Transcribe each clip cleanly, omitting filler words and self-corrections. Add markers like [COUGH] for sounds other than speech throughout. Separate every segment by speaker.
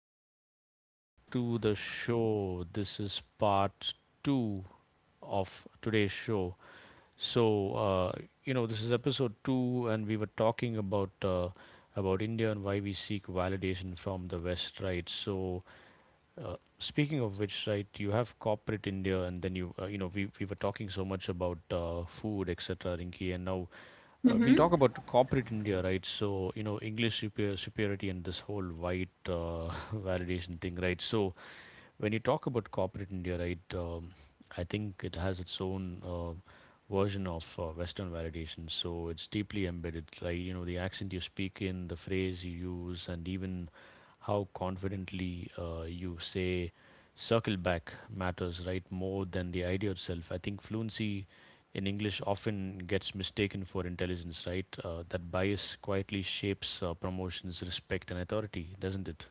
Speaker 1: welcome back to the show. This is part two of today's show. So, uh, this is episode two, and we were talking about India and why we seek validation from the West, right? Speaking of which, right, you have corporate India, and then we were talking so much about food, etc., Rinki, and now we'll
Speaker 2: Mm-hmm.
Speaker 1: talk about corporate India, right? So, you know, English superiority and this whole white [LAUGHS] validation thing, right? So, when you talk about corporate India, right, I think it has its own version of Western validation. So, it's deeply embedded, right? You know, the accent you speak in, the phrase you use, and even how confidently you say circle back matters, right? More than the idea itself. I think fluency in English often gets mistaken for intelligence, right? That bias quietly shapes promotions, respect, and authority, doesn't it?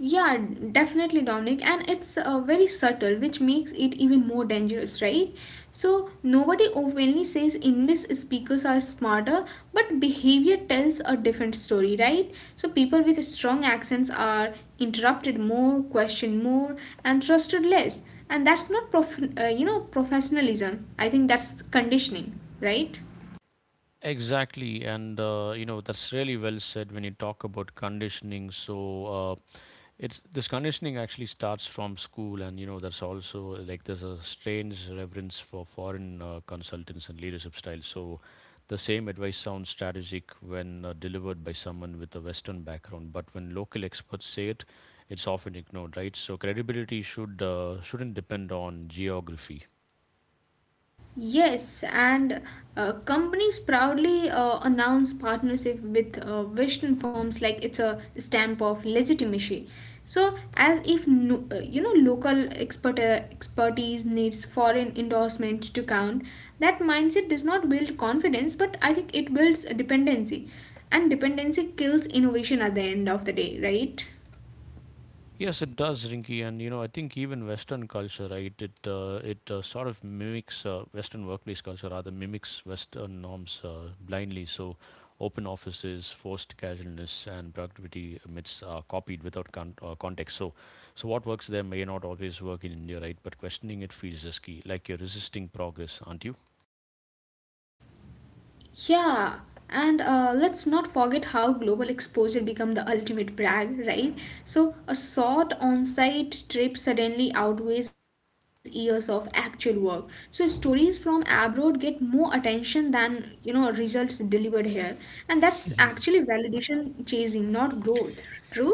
Speaker 2: Yeah, definitely, Dominic. And it's very subtle, which makes it even more dangerous, right? So, nobody openly says English speakers are smarter, but behavior tells a different story, right? So, people with strong accents are interrupted more, questioned more, and trusted less. And that's not professionalism. I think that's conditioning, right?
Speaker 1: Exactly, and you know, that's really well said when you talk about conditioning. So it's this conditioning actually starts from school, and you know there's also like there's a strange reverence for foreign consultants and leadership styles. So the same advice sounds strategic when delivered by someone with a Western background, but when local experts say it, it's often ignored, right? So credibility shouldn't depend on geography.
Speaker 2: Yes, and companies proudly announce partnership with Western firms like it's a stamp of legitimacy. So, as if no, local expertise needs foreign endorsements to count, that mindset does not build confidence, but I think it builds a dependency, and dependency kills innovation at the end of the day, right?
Speaker 1: Yes, it does, Rinky, and you know I think even Western culture, right? It sort of mimics Western workplace culture, rather mimics Western norms blindly. So open offices, forced casualness, and productivity myths are copied without context. So what works there may not always work in India, right? But questioning it feels risky, like you're resisting progress, aren't you?
Speaker 2: Yeah, and let's not forget how global exposure become the ultimate brag, right? So a short on-site trip suddenly outweighs years of actual work. So stories from abroad get more attention than results delivered here, and that's actually
Speaker 1: [LAUGHS]
Speaker 2: validation chasing, not growth. True.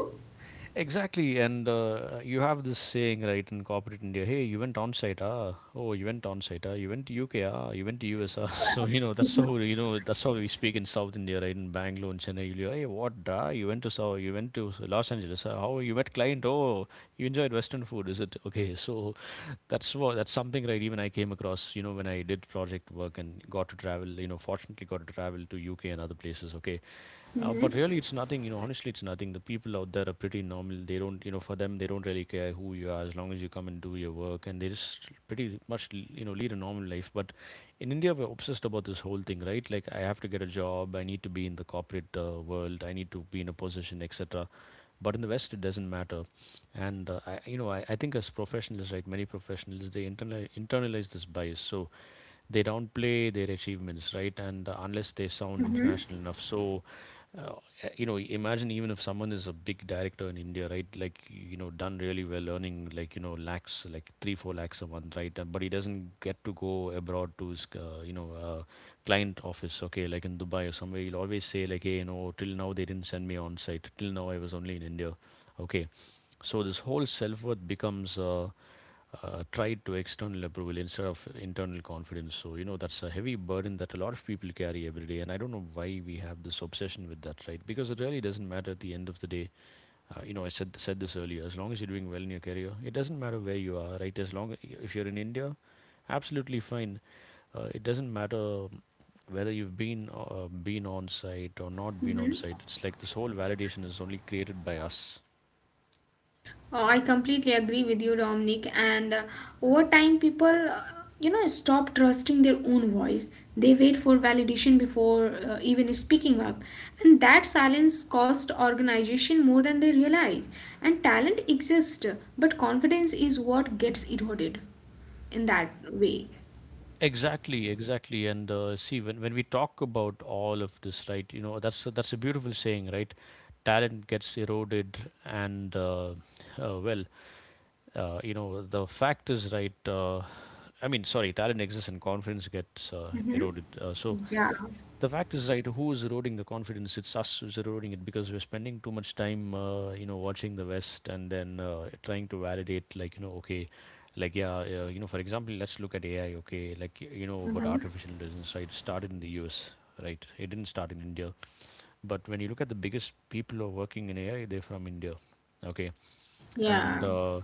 Speaker 1: Exactly, and you have this saying, right, in corporate India. Hey, you went on site, ah? Oh, you went on site, ah? You went to UK, ah? You went to US, ah? [LAUGHS] So you know that's how that's how we speak in South India, right? In Bangalore and Chennai, you'll hear, hey, what, da? You went to South, you went to Los Angeles, ah? How you met client? Oh, you enjoyed Western food, is it? Okay, [LAUGHS] so that's something, right? Even I came across, you know, when I did project work and got to travel, you know, fortunately got to travel to UK and other places. Okay,
Speaker 2: Mm-hmm.
Speaker 1: but really, it's nothing. You know, honestly, it's nothing. The people out there are pretty normal. They don't, you know, for them, they don't really care who you are as long as you come and do your work, and they just pretty much, you know, lead a normal life. But in India, we're obsessed about this whole thing, right? Like, I have to get a job. I need to be in the corporate world. I need to be in a position, etc. But in the West, it doesn't matter. And I, you know, I think as professionals, right, many professionals, they internalize this bias. So they downplay their achievements, right? And unless they sound international enough, uh, imagine even if someone is a big director in India, right? Like, you know, done really well, earning like, you know, lakhs, like 3 4 lakhs a month, right? And, but he doesn't get to go abroad to his client office, okay? Like in Dubai or somewhere, he'll always say like, hey, you know, till now they didn't send me on site. Till now I was only in India, okay? So this whole self worth becomes tied to external approval instead of internal confidence. So, you know, that's a heavy burden that a lot of people carry every day. And I don't know why we have this obsession with that, right? Because it really doesn't matter at the end of the day. You know, I said this earlier, as long as you're doing well in your career, it doesn't matter where you are, right? As long if you're in India, absolutely fine. It doesn't matter whether you've been on site or not been on site. It's like this whole validation is only created by us.
Speaker 2: Oh, I completely agree with you, Dominic. And over time, people, stop trusting their own voice. They wait for validation before even speaking up, and that silence costs organization more than they realize. And talent exists, but confidence is what gets eroded in that way.
Speaker 1: Exactly, exactly. And see, when we talk about all of this, right, you know, that's a beautiful saying, right? Talent gets eroded, and uh, well, you know, the fact is, right, I mean, sorry, talent exists and confidence gets
Speaker 2: Mm-hmm.
Speaker 1: eroded. So
Speaker 2: Yeah.
Speaker 1: the fact is, right, who is eroding the confidence? It's us who's eroding it, because we're spending too much time, you know, watching the West and then trying to validate, like, you know, okay, like, yeah, you know, for example, let's look at AI, okay, you know, about
Speaker 2: Mm-hmm.
Speaker 1: artificial intelligence, right? It started in the US, right? It didn't start in India. But when you look at the biggest people who are working in AI, they're from India, okay? and
Speaker 2: Yeah,
Speaker 1: uh,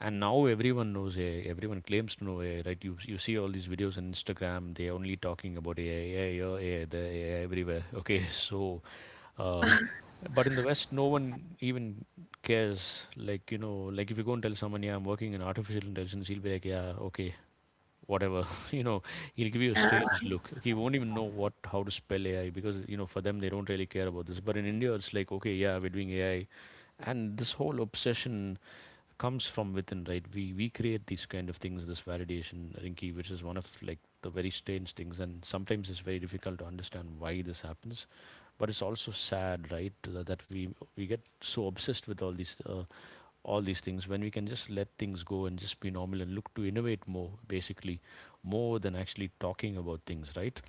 Speaker 1: and now everyone knows AI. Everyone claims to know AI, right? You see all these videos on Instagram. They're only talking about AI, AI, oh, AI, the AI everywhere. Okay, [LAUGHS] uh,
Speaker 2: yeah,
Speaker 1: but in the West, no one even cares. Like, you know, like if you go and tell someone, yeah, I'm working in artificial intelligence, he'll be like, yeah, okay, whatever. [LAUGHS] You know, he'll give you a strange
Speaker 2: [LAUGHS]
Speaker 1: look. He won't even know what how to spell AI, because you know for them they don't really care about this. But in India, it's like, okay, yeah, we're doing AI, and this whole obsession comes from within, right? We create these kind of things, this validation, Rinky, which is one of like the very strange things, and sometimes it's very difficult to understand why this happens. But it's also sad, right, that we get so obsessed with all these all these things, when we can just let things go and just be normal and look to innovate more, basically, more than actually talking about things, right?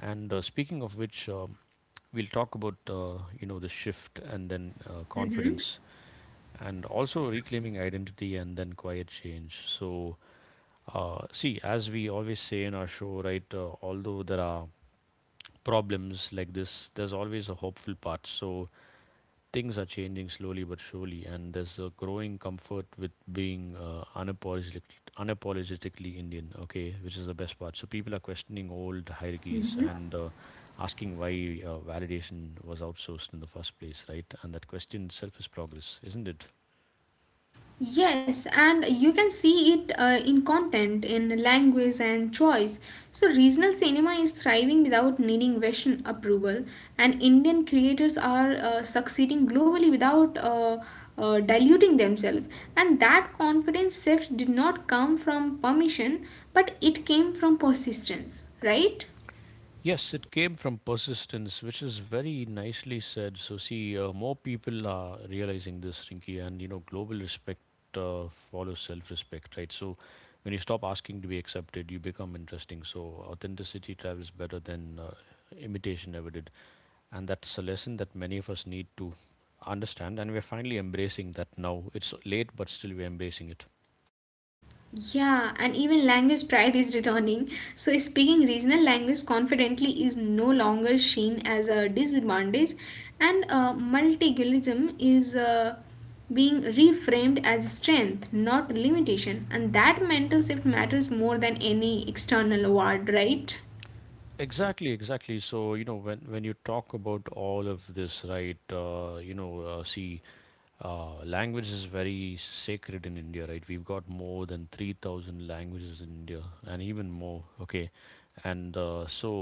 Speaker 1: And speaking of which, we'll talk about you know, the shift, and then confidence, and also reclaiming identity, and then quiet change. So, see, as we always say in our show, right, although there are problems like this, there's always a hopeful part. So things are changing slowly but surely, and there's a growing comfort with being unapologetically Indian, okay, which is the best part. So people are questioning old hierarchies
Speaker 2: yeah.
Speaker 1: and asking why validation was outsourced in the first place, right? And that question itself is progress, isn't it?
Speaker 2: Yes, and you can see it in content, in language, and choice. So, regional cinema is thriving without needing Western approval, and Indian creators are succeeding globally without diluting themselves. And that confidence shift did not come from permission, but it came from persistence, right?
Speaker 1: Yes, it came from persistence, which is very nicely said. So, see, more people are realizing this, Rinky, and you know, global respect follows self respect, right? So when you stop asking to be accepted, you become interesting. So authenticity travels better than imitation ever did. And that's a lesson that many of us need to understand, and we're finally embracing that now. It's late, but still, we're embracing it.
Speaker 2: Yeah, and even language pride is returning. So, speaking regional language confidently is no longer seen as a disadvantage, and multilingualism is being reframed as strength, not limitation. And that mental shift matters more than any external award, right?
Speaker 1: Exactly, exactly. So, you know, when you talk about all of this, right, see, language is very sacred in India, right? We've got more than 3,000 languages in India and even more. Okay. And so,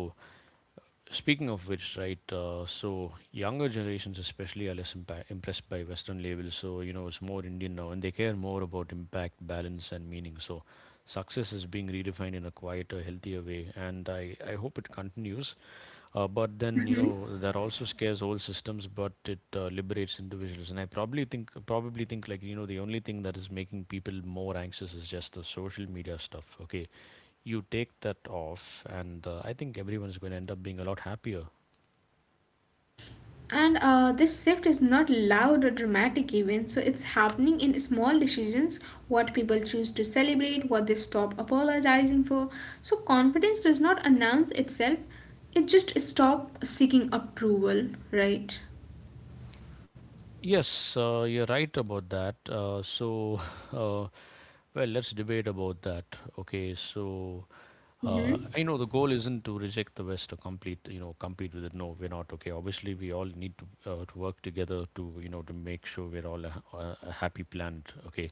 Speaker 1: speaking of which, right? So younger generations, especially, are less impressed by Western labels. So, you know, it's more Indian now, and they care more about impact, balance, and meaning. So success is being redefined in a quieter, healthier way. And I hope it continues, but then, you know, that also scares whole systems, but it liberates individuals. And I probably think like, you know, the only thing that is making people more anxious is just the social media stuff. Okay, you take that off, and I think everyone's going to end up being a lot happier.
Speaker 2: And this shift is not loud or dramatic, even, so it's happening in small decisions, what people choose to celebrate, what they stop apologizing for. So, confidence does not announce itself, it just stops seeking approval, right?
Speaker 1: Yes, you're right about that. So, [LAUGHS] uh, well, let's debate about that. Okay, so
Speaker 2: Mm-hmm.
Speaker 1: I know the goal isn't to reject the West or compete with it. No, we're not. Okay, obviously we all need to work together to, you know, to make sure we're all a happy planet. Okay,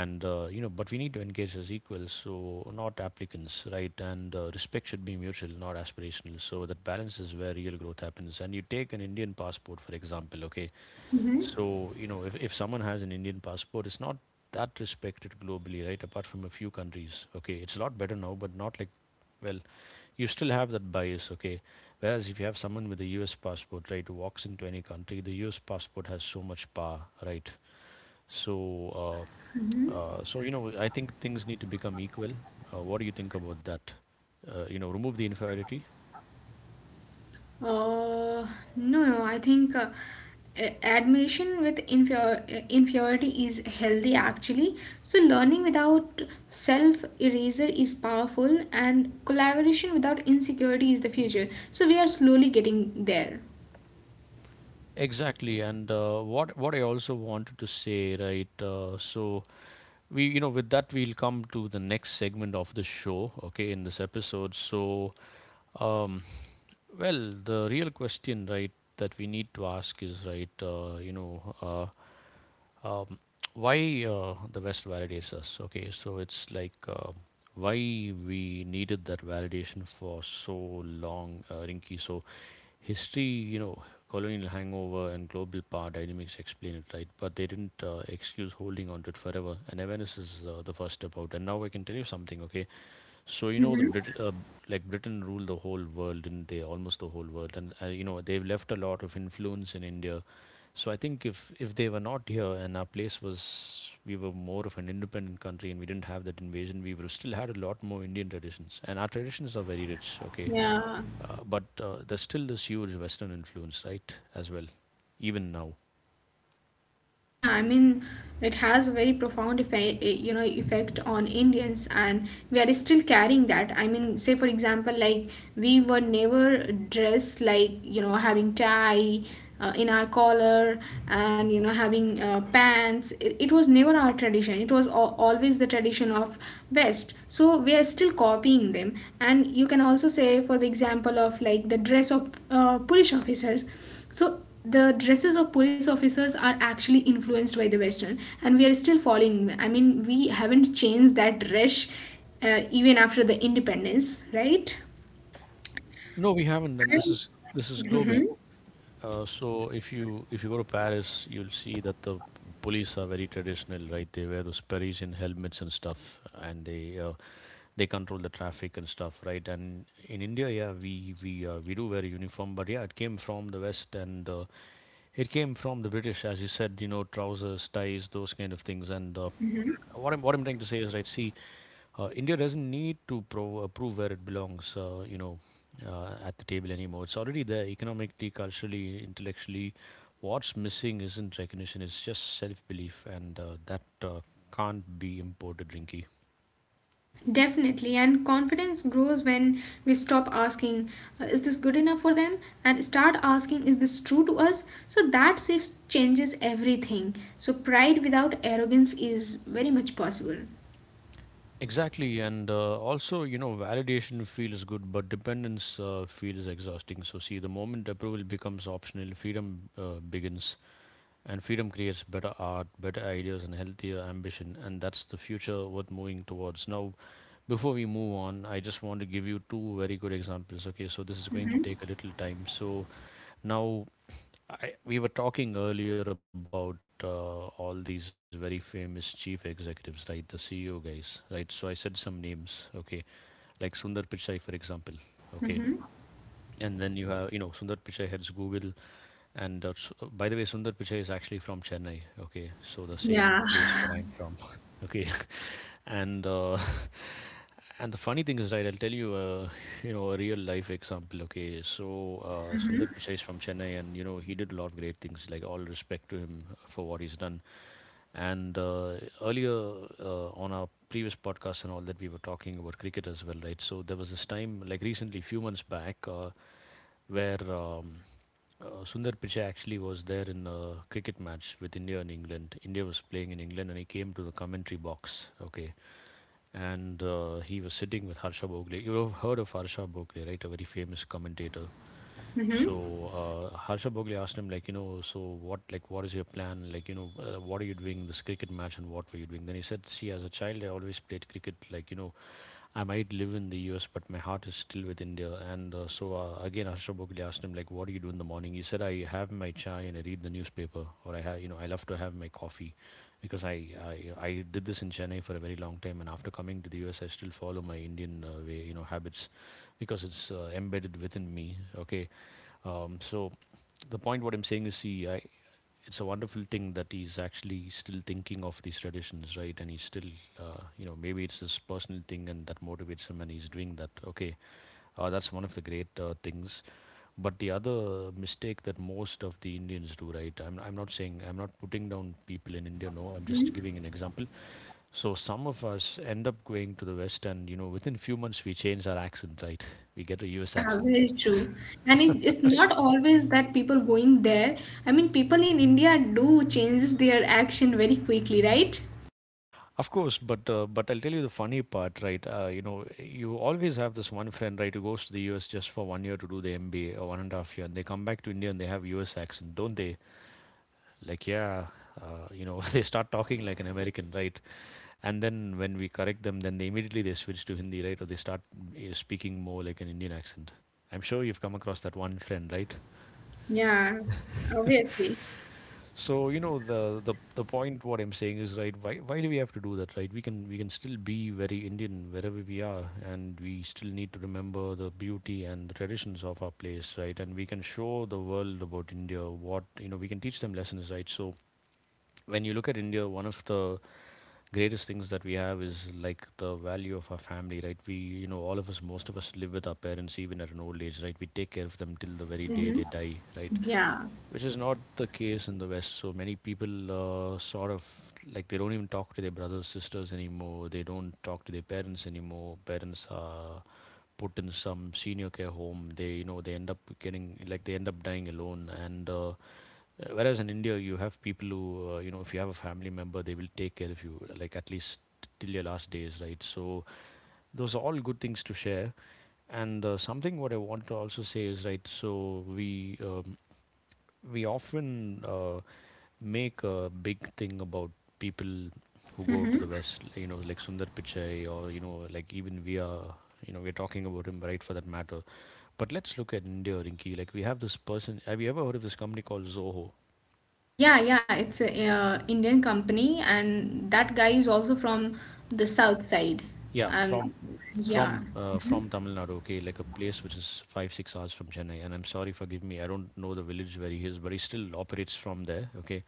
Speaker 1: and you know, but we need to engage as equals, so not applicants, right? And respect should be mutual, not aspirational. So that balance is where real growth happens. And you take an Indian passport, for example. Okay,
Speaker 2: Mm-hmm.
Speaker 1: so, you know, if someone has an Indian passport, it's not that respected globally, right? Apart from a few countries. Okay, it's a lot better now, but not like, well, you still have that bias, okay? Whereas if you have someone with a US passport, right, who walks into any country, the US passport has so much power, right? So, so, I think things need to become equal. What do you think about that? Remove the inferiority.
Speaker 2: Uh, no, no. I think admiration with inferiority is healthy actually. So, learning without self eraser is powerful, and collaboration without insecurity is the future. So, we are slowly getting there.
Speaker 1: Exactly, and what I also wanted to say, right? So we with that we'll come to the next segment of the show, okay, in this episode. So um well, the real question, right, that we need to ask is, right, um, why the West validates us. Okay, so it's like why we needed that validation for so long, Rinky. So history, you know, colonial hangover and global power dynamics explain it, right? But they didn't excuse holding on to it forever. And awareness is the first step out. And now I can tell you something, okay? So you know,
Speaker 2: Mhm.
Speaker 1: Like Britain ruled the whole world, didn't they? Almost the whole world, and you know, they've left a lot of influence in India. So I think if they were not here and our place was we were more of an independent country and we didn't have that invasion, we would have still had a lot more Indian traditions. And our traditions are very rich, okay.
Speaker 2: Yeah.
Speaker 1: But there's still this huge Western influence, right? As well, even now.
Speaker 2: Yeah, I mean, it has a very profound effect, eh, you know, effect on Indians, and we are still carrying that. I mean, say for example, like we were never dressed like, having tie in our collar and, having pants. It was never our tradition. It was always the tradition of West. So we are still copying them, and you can also say, for the example of like the dress of police officers, so the dresses of police officers are actually influenced by the Western, and we are still following. I mean, we haven't changed that dress even after the independence, right?
Speaker 1: No, we haven't, and this is global. So if you go to Paris, you'll see that the police are very traditional, right? They wear those Parisian helmets and stuff, and they control the traffic and stuff, right? And in India, yeah, we do wear a uniform, but yeah, it came from the West, and it came from the British, as you said, you know, trousers, ties, those kind of things. What I'm trying to say is, right. See, India doesn't need to prove where it belongs, at the table anymore. It's already there economically, culturally, intellectually. What's missing isn't recognition, it's just self belief, and that can't be imported, Rinky.
Speaker 2: Definitely, and confidence grows when we stop asking, "Is this good enough for them?" and start asking, "Is this true to us?" So that saves changes everything. So, pride without arrogance is very much possible.
Speaker 1: Exactly, and also, you know, validation feels good, but dependence feels exhausting. So, see, the moment approval becomes optional, freedom begins. And freedom creates better art, better ideas, and healthier ambition. And that's the future worth moving towards. Now, before we move on, I just want to give you two very good examples. Okay, so this is going to take a little time. So now we were talking earlier about all these very famous chief executives, right? The CEO guys, right? So I said some names, okay, like Sundar Pichai, for example, okay.
Speaker 2: Mm-hmm.
Speaker 1: And then you have, you know, Sundar Pichai heads Google, and by the way, Sundar Pichai is actually from Chennai. Okay, so the same
Speaker 2: Yeah.
Speaker 1: place where I'm from. [LAUGHS] Okay, [LAUGHS] and [LAUGHS] and the funny thing is, right? I'll tell you, [LAUGHS] you know, a real life example. Okay, so Sundar Pichai is from Chennai, and you know, he did a lot of great things. Like all respect to him for what he's done. And earlier on our previous podcast and all that, we were talking about cricket as well, right? So there was this time, like recently, few months back, where Sundar Pichai actually was there in a cricket match with India and England. India was playing in England and he came to the commentary box. Okay. And he was sitting with Harsha Bogle. You have heard of Harsha Bogle, right? A very famous commentator.
Speaker 2: Mm-hmm.
Speaker 1: So Harsha Bogle asked him, like, you know, so what, like, what is your plan? Like, you know, what are you doing in this cricket match and what were you doing? Then he said, see, as a child, I always played cricket. Like, you know, I might live in the US, but my heart is still with India. And again, Ashraf Bhogli asked him, like, what do you do in the morning? He said, I have my chai and I read the newspaper, or I have, you know, I love to have my coffee, because I did this in Chennai for a very long time, and after coming to the US, I still follow my Indian way, you know, habits, because it's embedded within me. Okay, so the point what I'm saying is, see, I it's a wonderful thing that he's actually still thinking of these traditions, right? And he's still, you know, maybe it's his personal thing and that motivates him and he's doing that. Okay, that's one of the great things. But the other mistake that most of the Indians do, right? I'm not saying, I'm not putting down people in India, no, I'm just giving an example. So some of us end up going to the West and, you know, within few months we change our accent, right? [LAUGHS] We get a US
Speaker 2: Yeah,
Speaker 1: accent.
Speaker 2: very true. And it's not always that people going there. I mean, people in India do change their action very quickly, right?
Speaker 1: Of course, but I'll tell you the funny part, right? You know, you always have this one friend, right, who goes to the US just for one year to do the MBA or one and a half year, and they come back to India and they have US accent, don't they? Like, yeah, you know, [LAUGHS] they start talking like an American, right? And then when we correct them, then they immediately they switch to Hindi, right, or they start speaking more like an Indian accent. I'm sure you've come across that one friend, right?
Speaker 2: Yeah, obviously.
Speaker 1: So you know the point what I'm saying is, right. Why do we have to do that, right? We can still be very Indian wherever we are, and we still need to remember the beauty and the traditions of our place, right? And we can show the world about India. What, you know, we can teach them lessons, right? So when you look at India, one of the greatest things that we have is like the value of our family, right? We, all of us, most of us live with our parents even at an old age, right? We take care of them till the very day they die, right?
Speaker 2: Yeah.
Speaker 1: Which is not the case in the West. So many people sort of they don't even talk to their brothers, sisters anymore. They don't talk to their parents anymore. Parents are put in some senior care home. They you know they end up getting, like they end up dying alone. And whereas in India you have people who, you know, if you have a family member they will take care of you, like at least till your last days, right? So those are all good things to share. And something what I want to also say is, right? So we often make a big thing about people who go to the West, you know, like Sundar Pichai, or, you know, like even we are, you know, we're talking about him, right, for that matter. But let's look at India, Rinki. Like we have this person, have you ever heard of this company called Zoho?
Speaker 2: Yeah, yeah, it's a Indian company, and that guy is also from the south side.
Speaker 1: Yeah,
Speaker 2: Um, yeah.
Speaker 1: from Tamil Nadu, okay, like a place which is 5 6 hours from Chennai, and I'm sorry, forgive me, I don't know the village where he is, but he still operates from there, okay.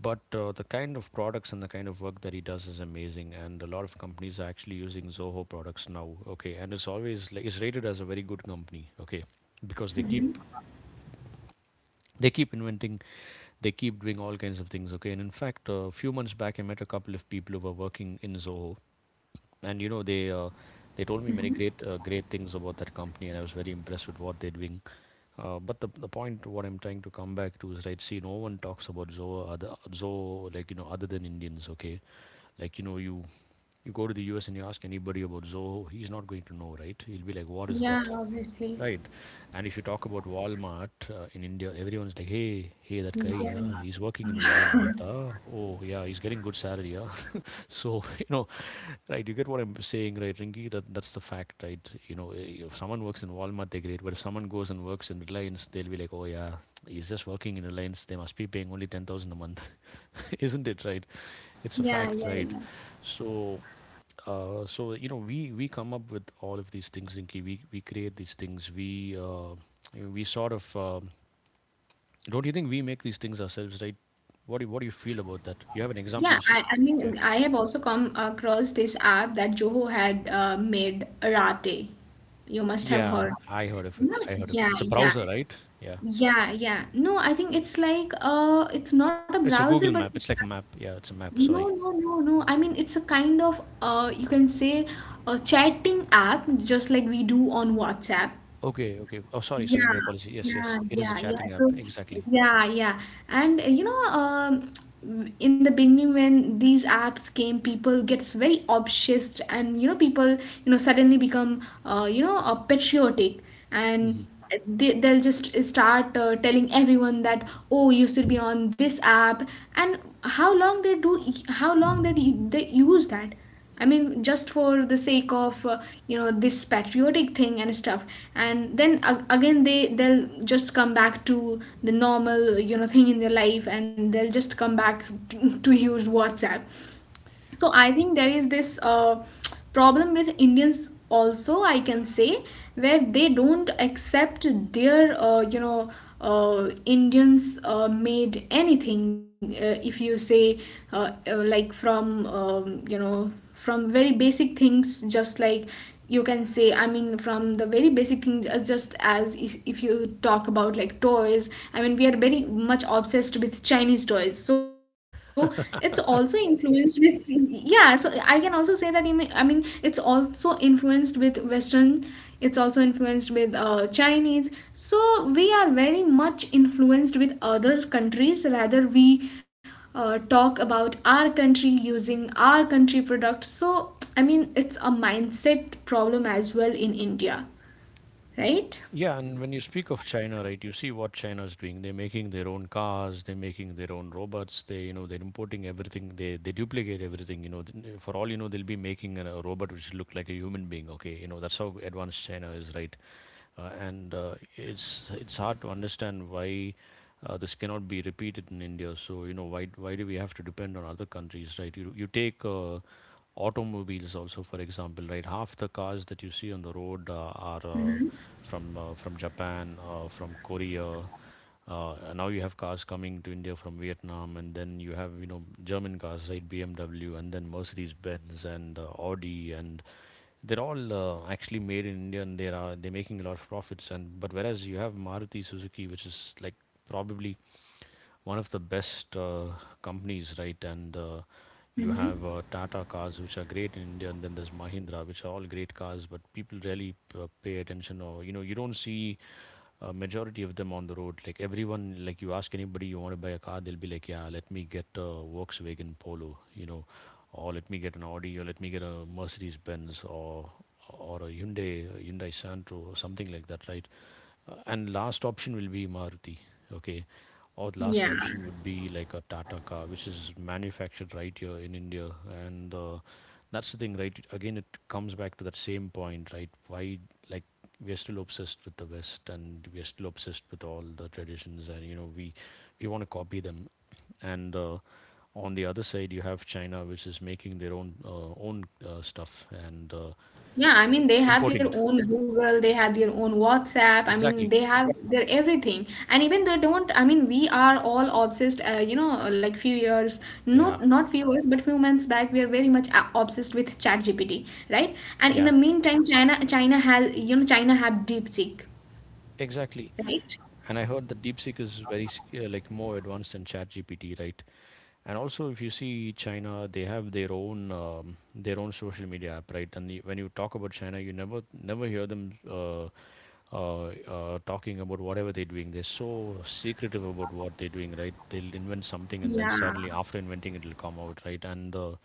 Speaker 1: But the kind of products and the kind of work that he does is amazing, and a lot of companies are actually using Zoho products now. Okay, and it's always like it's rated as a very good company. Okay, because they keep inventing, they keep doing all kinds of things. Okay, and in fact, a few months back, I met a couple of people who were working in Zoho, and you know they told me many great great things about that company, and I was very impressed with what they're doing. But the point what I'm trying to come back to is, right. See, no one talks about Zoa other Zoa like, you know, other than Indians. Okay, like you know you go to the US and you ask anybody about Zoho, he's not going to know, right? He'll be like, what is that?
Speaker 2: Yeah,
Speaker 1: Right.
Speaker 2: obviously.
Speaker 1: And if you talk about Walmart in India, everyone's like, hey, hey, that guy, yeah, he's working
Speaker 2: Yeah.
Speaker 1: in Walmart. Huh? Oh, yeah, he's getting good salary. Huh? [LAUGHS] So, [LAUGHS] you know, right, you get what I'm saying, right, Ringy? That, that's the fact, right? You know, i- if someone works in Walmart, they're great. But if someone goes and works in Reliance, they'll be like, oh, yeah, he's just working in Reliance. They must be paying only 10,000 a month. [LAUGHS] Isn't it, right? It's a fact,
Speaker 2: Yeah,
Speaker 1: right?
Speaker 2: yeah, yeah.
Speaker 1: So, so you know we come up with all of these things, Inky. We create these things, we sort of don't you think we make these things ourselves, right? What do you feel about that? You have an
Speaker 2: Yeah,
Speaker 1: example to
Speaker 2: I mean,
Speaker 1: share?
Speaker 2: I have also come across this app that Joho had made, Rate. You must have
Speaker 1: Yeah,
Speaker 2: heard.
Speaker 1: I heard of it,
Speaker 2: No, yeah,
Speaker 1: it's a
Speaker 2: yeah,
Speaker 1: browser, right? Yeah,
Speaker 2: yeah, yeah. No, I think it's like, it's not a
Speaker 1: it's a
Speaker 2: browser, but
Speaker 1: Google Map, it's like a map. Yeah, it's a map,
Speaker 2: no,
Speaker 1: sorry.
Speaker 2: no, no, no. I mean, it's a kind of, you can say, a chatting app, just like we do on WhatsApp.
Speaker 1: Okay, okay, oh, sorry, my
Speaker 2: Yeah,
Speaker 1: apology. Yes,
Speaker 2: yeah,
Speaker 1: yes, it is a
Speaker 2: yeah, yeah.
Speaker 1: chatting app,
Speaker 2: So,
Speaker 1: exactly.
Speaker 2: yeah, yeah. And [TSK] in the beginning when these apps came, people gets very obsessed, and, people suddenly become patriotic, and
Speaker 1: Hmm.
Speaker 2: they'll just start telling everyone that, oh, you should be on this app, and how long they do, how long that they use that. I mean, just for the sake of this patriotic thing and stuff, and then again they'll just come back to the normal, thing in their life, and they'll just come back [LAUGHS] to, use WhatsApp. So I think there is this problem with Indians also, I can say, where they don't accept their Indians made anything if you say like from, from very basic things, just like, you can say, I mean, from the very basic things, just as, if you talk about like toys, I mean we are very much obsessed with Chinese toys, so it's also
Speaker 1: [LAUGHS]
Speaker 2: influenced with, yeah, so I can also say that, I mean, it's also influenced with Western, it's also influenced with Chinese, so we are very much influenced with other countries, rather we talk about our country using our country products. So, I mean, it's a mindset problem as well in India, right?
Speaker 1: Yeah, and when you speak of China, right, you see what China is doing. They're making their own cars, they're making their own robots, they, you know, they're importing everything, they duplicate everything, you know. For all you know, they'll be making a robot which look like a human being, okay? You know, that's how advanced China is, right? And It's hard to understand why this cannot be repeated in India. So you know, why do we have to depend on other countries, right? You take automobiles also for example, right? Half the cars that you see on the road are from Japan, from Korea. And now you have cars coming to India from Vietnam, and then you have, you know, German cars, right? BMW, and then Mercedes Benz and Audi, and they're all actually made in India, and they're making a lot of profits. And but whereas you have Maruti Suzuki, which is like probably one of the best companies, right? And you have
Speaker 2: Mm-hmm.
Speaker 1: Tata cars, which are great in India, and then there's Mahindra, which are all great cars, but people rarely pay attention, or you know, you don't see a majority of them on the road. Like everyone, like you ask anybody, you want to buy a car, they'll be like, yeah, let me get a Volkswagen Polo, you know, or let me get an Audi, or let me get a Mercedes Benz, or a Hyundai, Hyundai Santro, or something like that, right? And last option will be Maruti, okay? Or the last
Speaker 2: Yeah.
Speaker 1: option would be like a Tata car, which is manufactured right here in India. And that's the thing, right? Again, it comes back to that same point, right? Why, like, we are still obsessed with the West and we are still obsessed with all the traditions, and you know, we want to copy them. And on the other side, you have China, which is making their own stuff, and
Speaker 2: Yeah, I mean, they have
Speaker 1: Importing it.
Speaker 2: their own Google, they have their own WhatsApp. I
Speaker 1: Exactly.
Speaker 2: mean, they have their everything. And even they don't, I mean, we are all obsessed, like few years,
Speaker 1: Yeah.
Speaker 2: not few years, but few months back, we are very much obsessed with ChatGPT, right? And in
Speaker 1: Yeah.
Speaker 2: the meantime, China has, China have DeepSeek,
Speaker 1: Exactly.
Speaker 2: right?
Speaker 1: And I heard that DeepSeek is very like more advanced than ChatGPT, right? And also, if you see China, they have their own social media app, right? When you talk about China, you never hear them talking about whatever they're doing. They're so secretive about what they're doing, right? They'll invent something and then
Speaker 2: Yeah.
Speaker 1: suddenly, after inventing, it'll come out, right? And uh,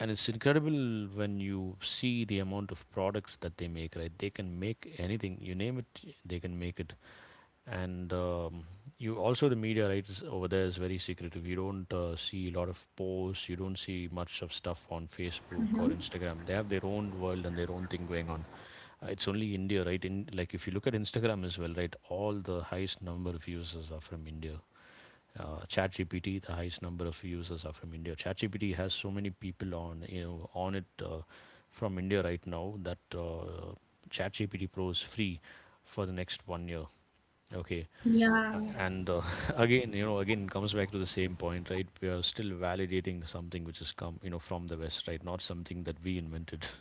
Speaker 1: and it's incredible when you see the amount of products that they make, right? They can make anything, you name it, they can make it. And You also, the media, right, is over there, is very secretive. You don't see a lot of posts, you don't see much of stuff on Facebook or Instagram. They have their own world and their own thing going on. It's only India, right? in like If you look at Instagram as well, right, all the highest number of users are from India. ChatGPT, the highest number of users are from India. ChatGPT has so many people on, you know, on it from India right now that ChatGPT Pro is free for the next 1 year. Okay,
Speaker 2: Yeah.
Speaker 1: And [LAUGHS] again, you know, again comes back to the same point, right? We are still validating something which has come, you know, from the West, right? Not something that we invented. [LAUGHS]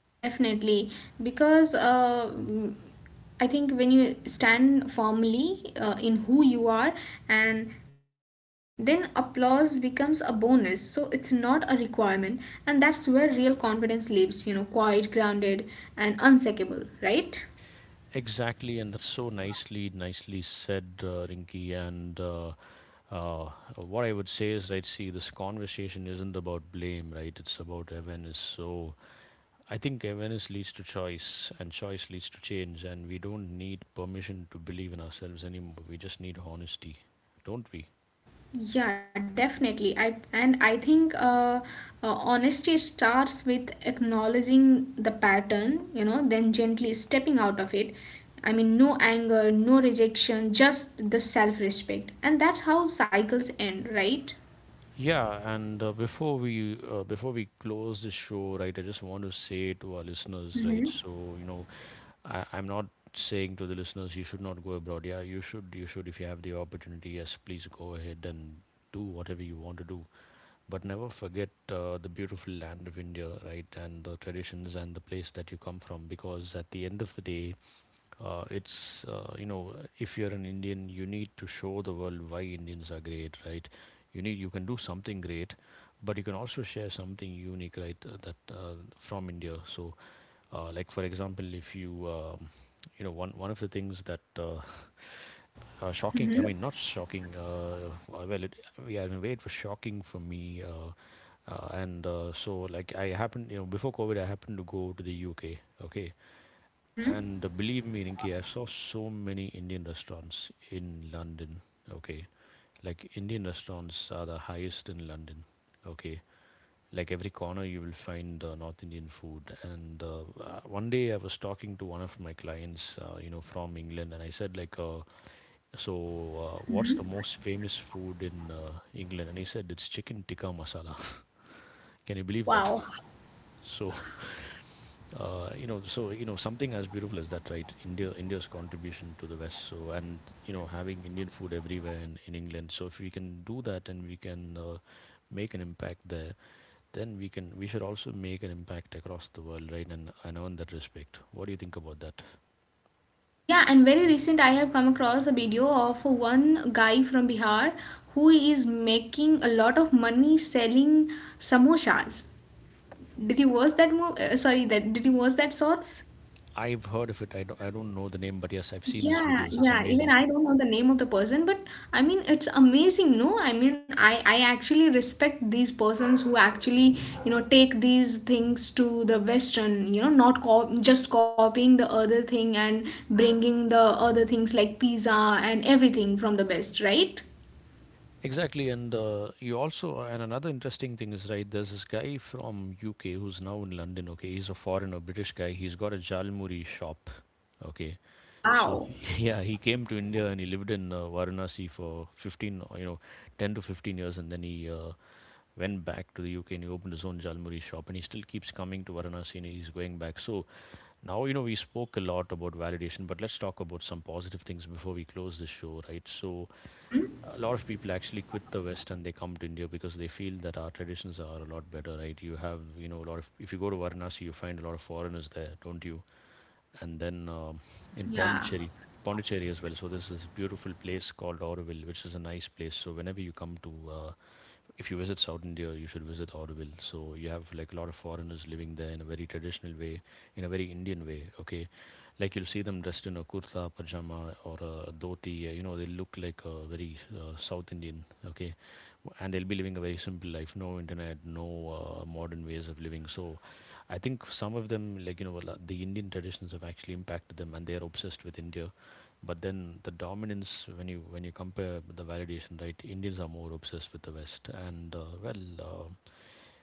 Speaker 2: Yeah, definitely. Because I think when you stand firmly in who you are, and then applause becomes a bonus. So it's not a requirement. And that's where real confidence lives, you know, quiet, grounded, and unshakable, right?
Speaker 1: Exactly, and that's so nicely, nicely said, Rinky, and. Uh, what I would say is, right, see, this conversation isn't about blame, right? It's about awareness. So I think awareness leads to choice, and choice leads to change. And we don't need permission to believe in ourselves anymore. We just need honesty, don't we?
Speaker 2: Yeah, definitely. I and I think honesty starts with acknowledging the pattern, then gently stepping out of it. I mean, no anger, no rejection, just the self-respect, and that's how cycles end, right?
Speaker 1: Yeah, and before we close this show, right, I just want to say to our listeners, right,
Speaker 2: Hmm.
Speaker 1: so you know, I'm not saying to the listeners you should not go abroad. Yeah, you should, you should, if you have the opportunity. Yes, please go ahead and do whatever you want to do. But never forget the beautiful land of India, right? And the traditions and the place that you come from, because at the end of the day, you know, if you're an Indian, you need to show the world why Indians are great, right? You can do something great, but you can also share something unique, right? That from India. So, like for example, if you you know, one of the things that [LAUGHS] shocking I mean not shocking well it yeah in a way it was shocking for me. And So like, I happened, you know, before COVID, I happened to go to the UK. Okay. And
Speaker 2: Mm-hmm.
Speaker 1: believe me, Rinki, I saw so many Indian restaurants in London. Okay. Like Indian restaurants are the highest in London. Okay. Like every corner you will find North Indian food. And one day I was talking to one of my clients, you know, from England, and I said like, what's the most famous food in England? And he said, it's chicken tikka masala. [LAUGHS] Can you believe that?
Speaker 2: Wow.
Speaker 1: [LAUGHS] So you know, something as beautiful as that, right? India's contribution to the West, so, and you know, having Indian food everywhere in England. So if we can do that and we can make an impact there, then we should also make an impact across the world, right? And earn that respect. What do you think about that?
Speaker 2: Yeah, and very recent I have come across a video of one guy from Bihar who is making a lot of money selling samosas. Did you watch that movie? Sorry, that, did you watch that sorts?
Speaker 1: I've heard of it, I don't know the name, but yes, I've seen his
Speaker 2: Yeah,
Speaker 1: videos, it's
Speaker 2: yeah. Even
Speaker 1: amazing.
Speaker 2: I don't know the name of the person, but I mean it's amazing, no? I mean I actually respect these persons who actually, take these things to the Western, not just copying the other thing and bringing the other things like pizza and everything from the West, right?
Speaker 1: Exactly. And you also and another interesting thing is, right, there's this guy from UK who's now in London. Okay, he's a foreigner, British guy, he's got a jalmuri shop. Okay. So
Speaker 2: Wow.
Speaker 1: [LAUGHS] yeah, he came to India and he lived in Varanasi for 15, you know, 10 to 15 years, and then he went back to the UK and he opened his own jalmuri shop, and he still keeps coming to Varanasi and he's going back. So now, you know, we spoke a lot about validation, but let's talk about some positive things before we close this show, right? So
Speaker 2: Mm-hmm.
Speaker 1: a lot of people actually quit the West and they come to India because they feel that our traditions are a lot better, right? You have, you know, a lot of, if you go to Varanasi, you find a lot of foreigners there, don't you? And then in
Speaker 2: Yeah.
Speaker 1: Pondicherry, Pondicherry as well. So there's This is a beautiful place called Auroville, which is a nice place. So whenever you come to, if you visit South India, you should visit Auroville. So you have like a lot of foreigners living there in a very traditional way, in a very Indian way. Okay, like you'll see them dressed in a kurta, pajama, or a dhoti. You know, they look like a very South Indian. Okay, and they'll be living a very simple life. No internet, no modern ways of living. So I think some of them, like you know, the Indian traditions have actually impacted them, and they are obsessed with India. But then the dominance, when you compare the validation, right, Indians are more obsessed with the West. And well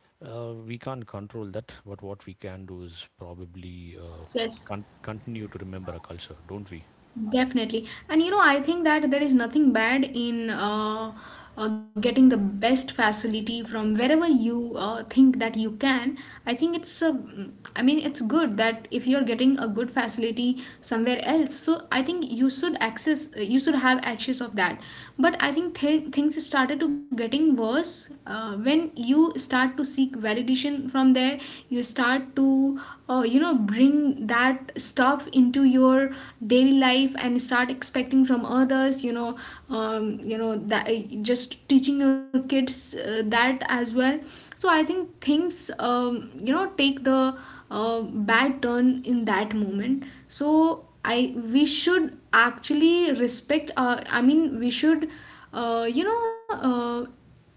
Speaker 1: We can't control that, but what we can do is probably
Speaker 2: Yes.
Speaker 1: continue to remember our culture, don't we?
Speaker 2: Definitely. And, I think that there is nothing bad in getting the best facility from wherever you think that you can. I think it's, I mean, it's good that if you're getting a good facility somewhere else, so I think you should access, you should have access of that. But I think things started to getting worse when you start to seek validation from there, you start to, bring that stuff into your daily life and start expecting from others, um, that just teaching your kids that as well. So I think things um, take the uh, bad turn in that moment. So I we should actually respect, I mean, we should, uh, you know uh,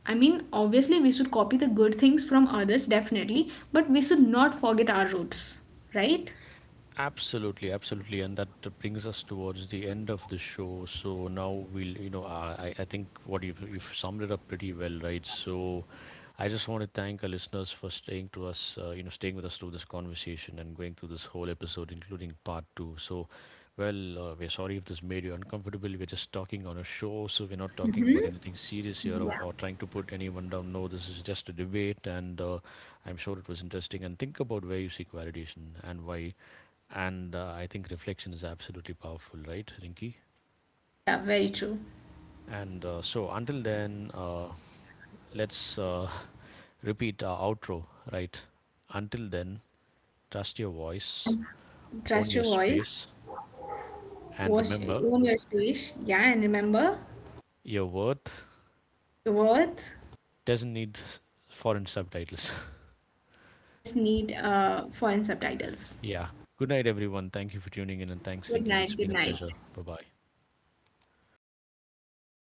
Speaker 2: I mean, obviously, we should copy the good things from others, definitely, but we should not forget our roots, right?
Speaker 1: Absolutely, absolutely, and that brings us towards the end of the show. So now we'll, you know, I think what you've summed it up pretty well, right? So I just want to thank our listeners for staying to us, you know, staying with us through this conversation and going through this whole episode, including part two. So, we're sorry if this made you uncomfortable. We're just talking on a show, so we're not talking about anything serious here, or trying to put anyone down. No, this is just a debate, and I'm sure it was interesting. And think about where you seek validation and why. And I think reflection is absolutely powerful, right, Rinki?
Speaker 2: Yeah, very true.
Speaker 1: And until then, let's [LAUGHS] repeat our outro, right? Until then, trust your voice,
Speaker 2: And
Speaker 1: own
Speaker 2: trust
Speaker 1: your
Speaker 2: your voice,
Speaker 1: space, and
Speaker 2: was
Speaker 1: remember
Speaker 2: own your space, yeah, and remember
Speaker 1: your worth
Speaker 2: your worth
Speaker 1: doesn't need foreign subtitles.
Speaker 2: does need foreign subtitles.
Speaker 1: [LAUGHS] Yeah. Good night, everyone. Thank you for tuning in, and thanks,
Speaker 2: Good
Speaker 1: Rinki. It's
Speaker 2: night,
Speaker 1: been
Speaker 2: good
Speaker 1: a pleasure.
Speaker 2: night.
Speaker 1: Bye bye.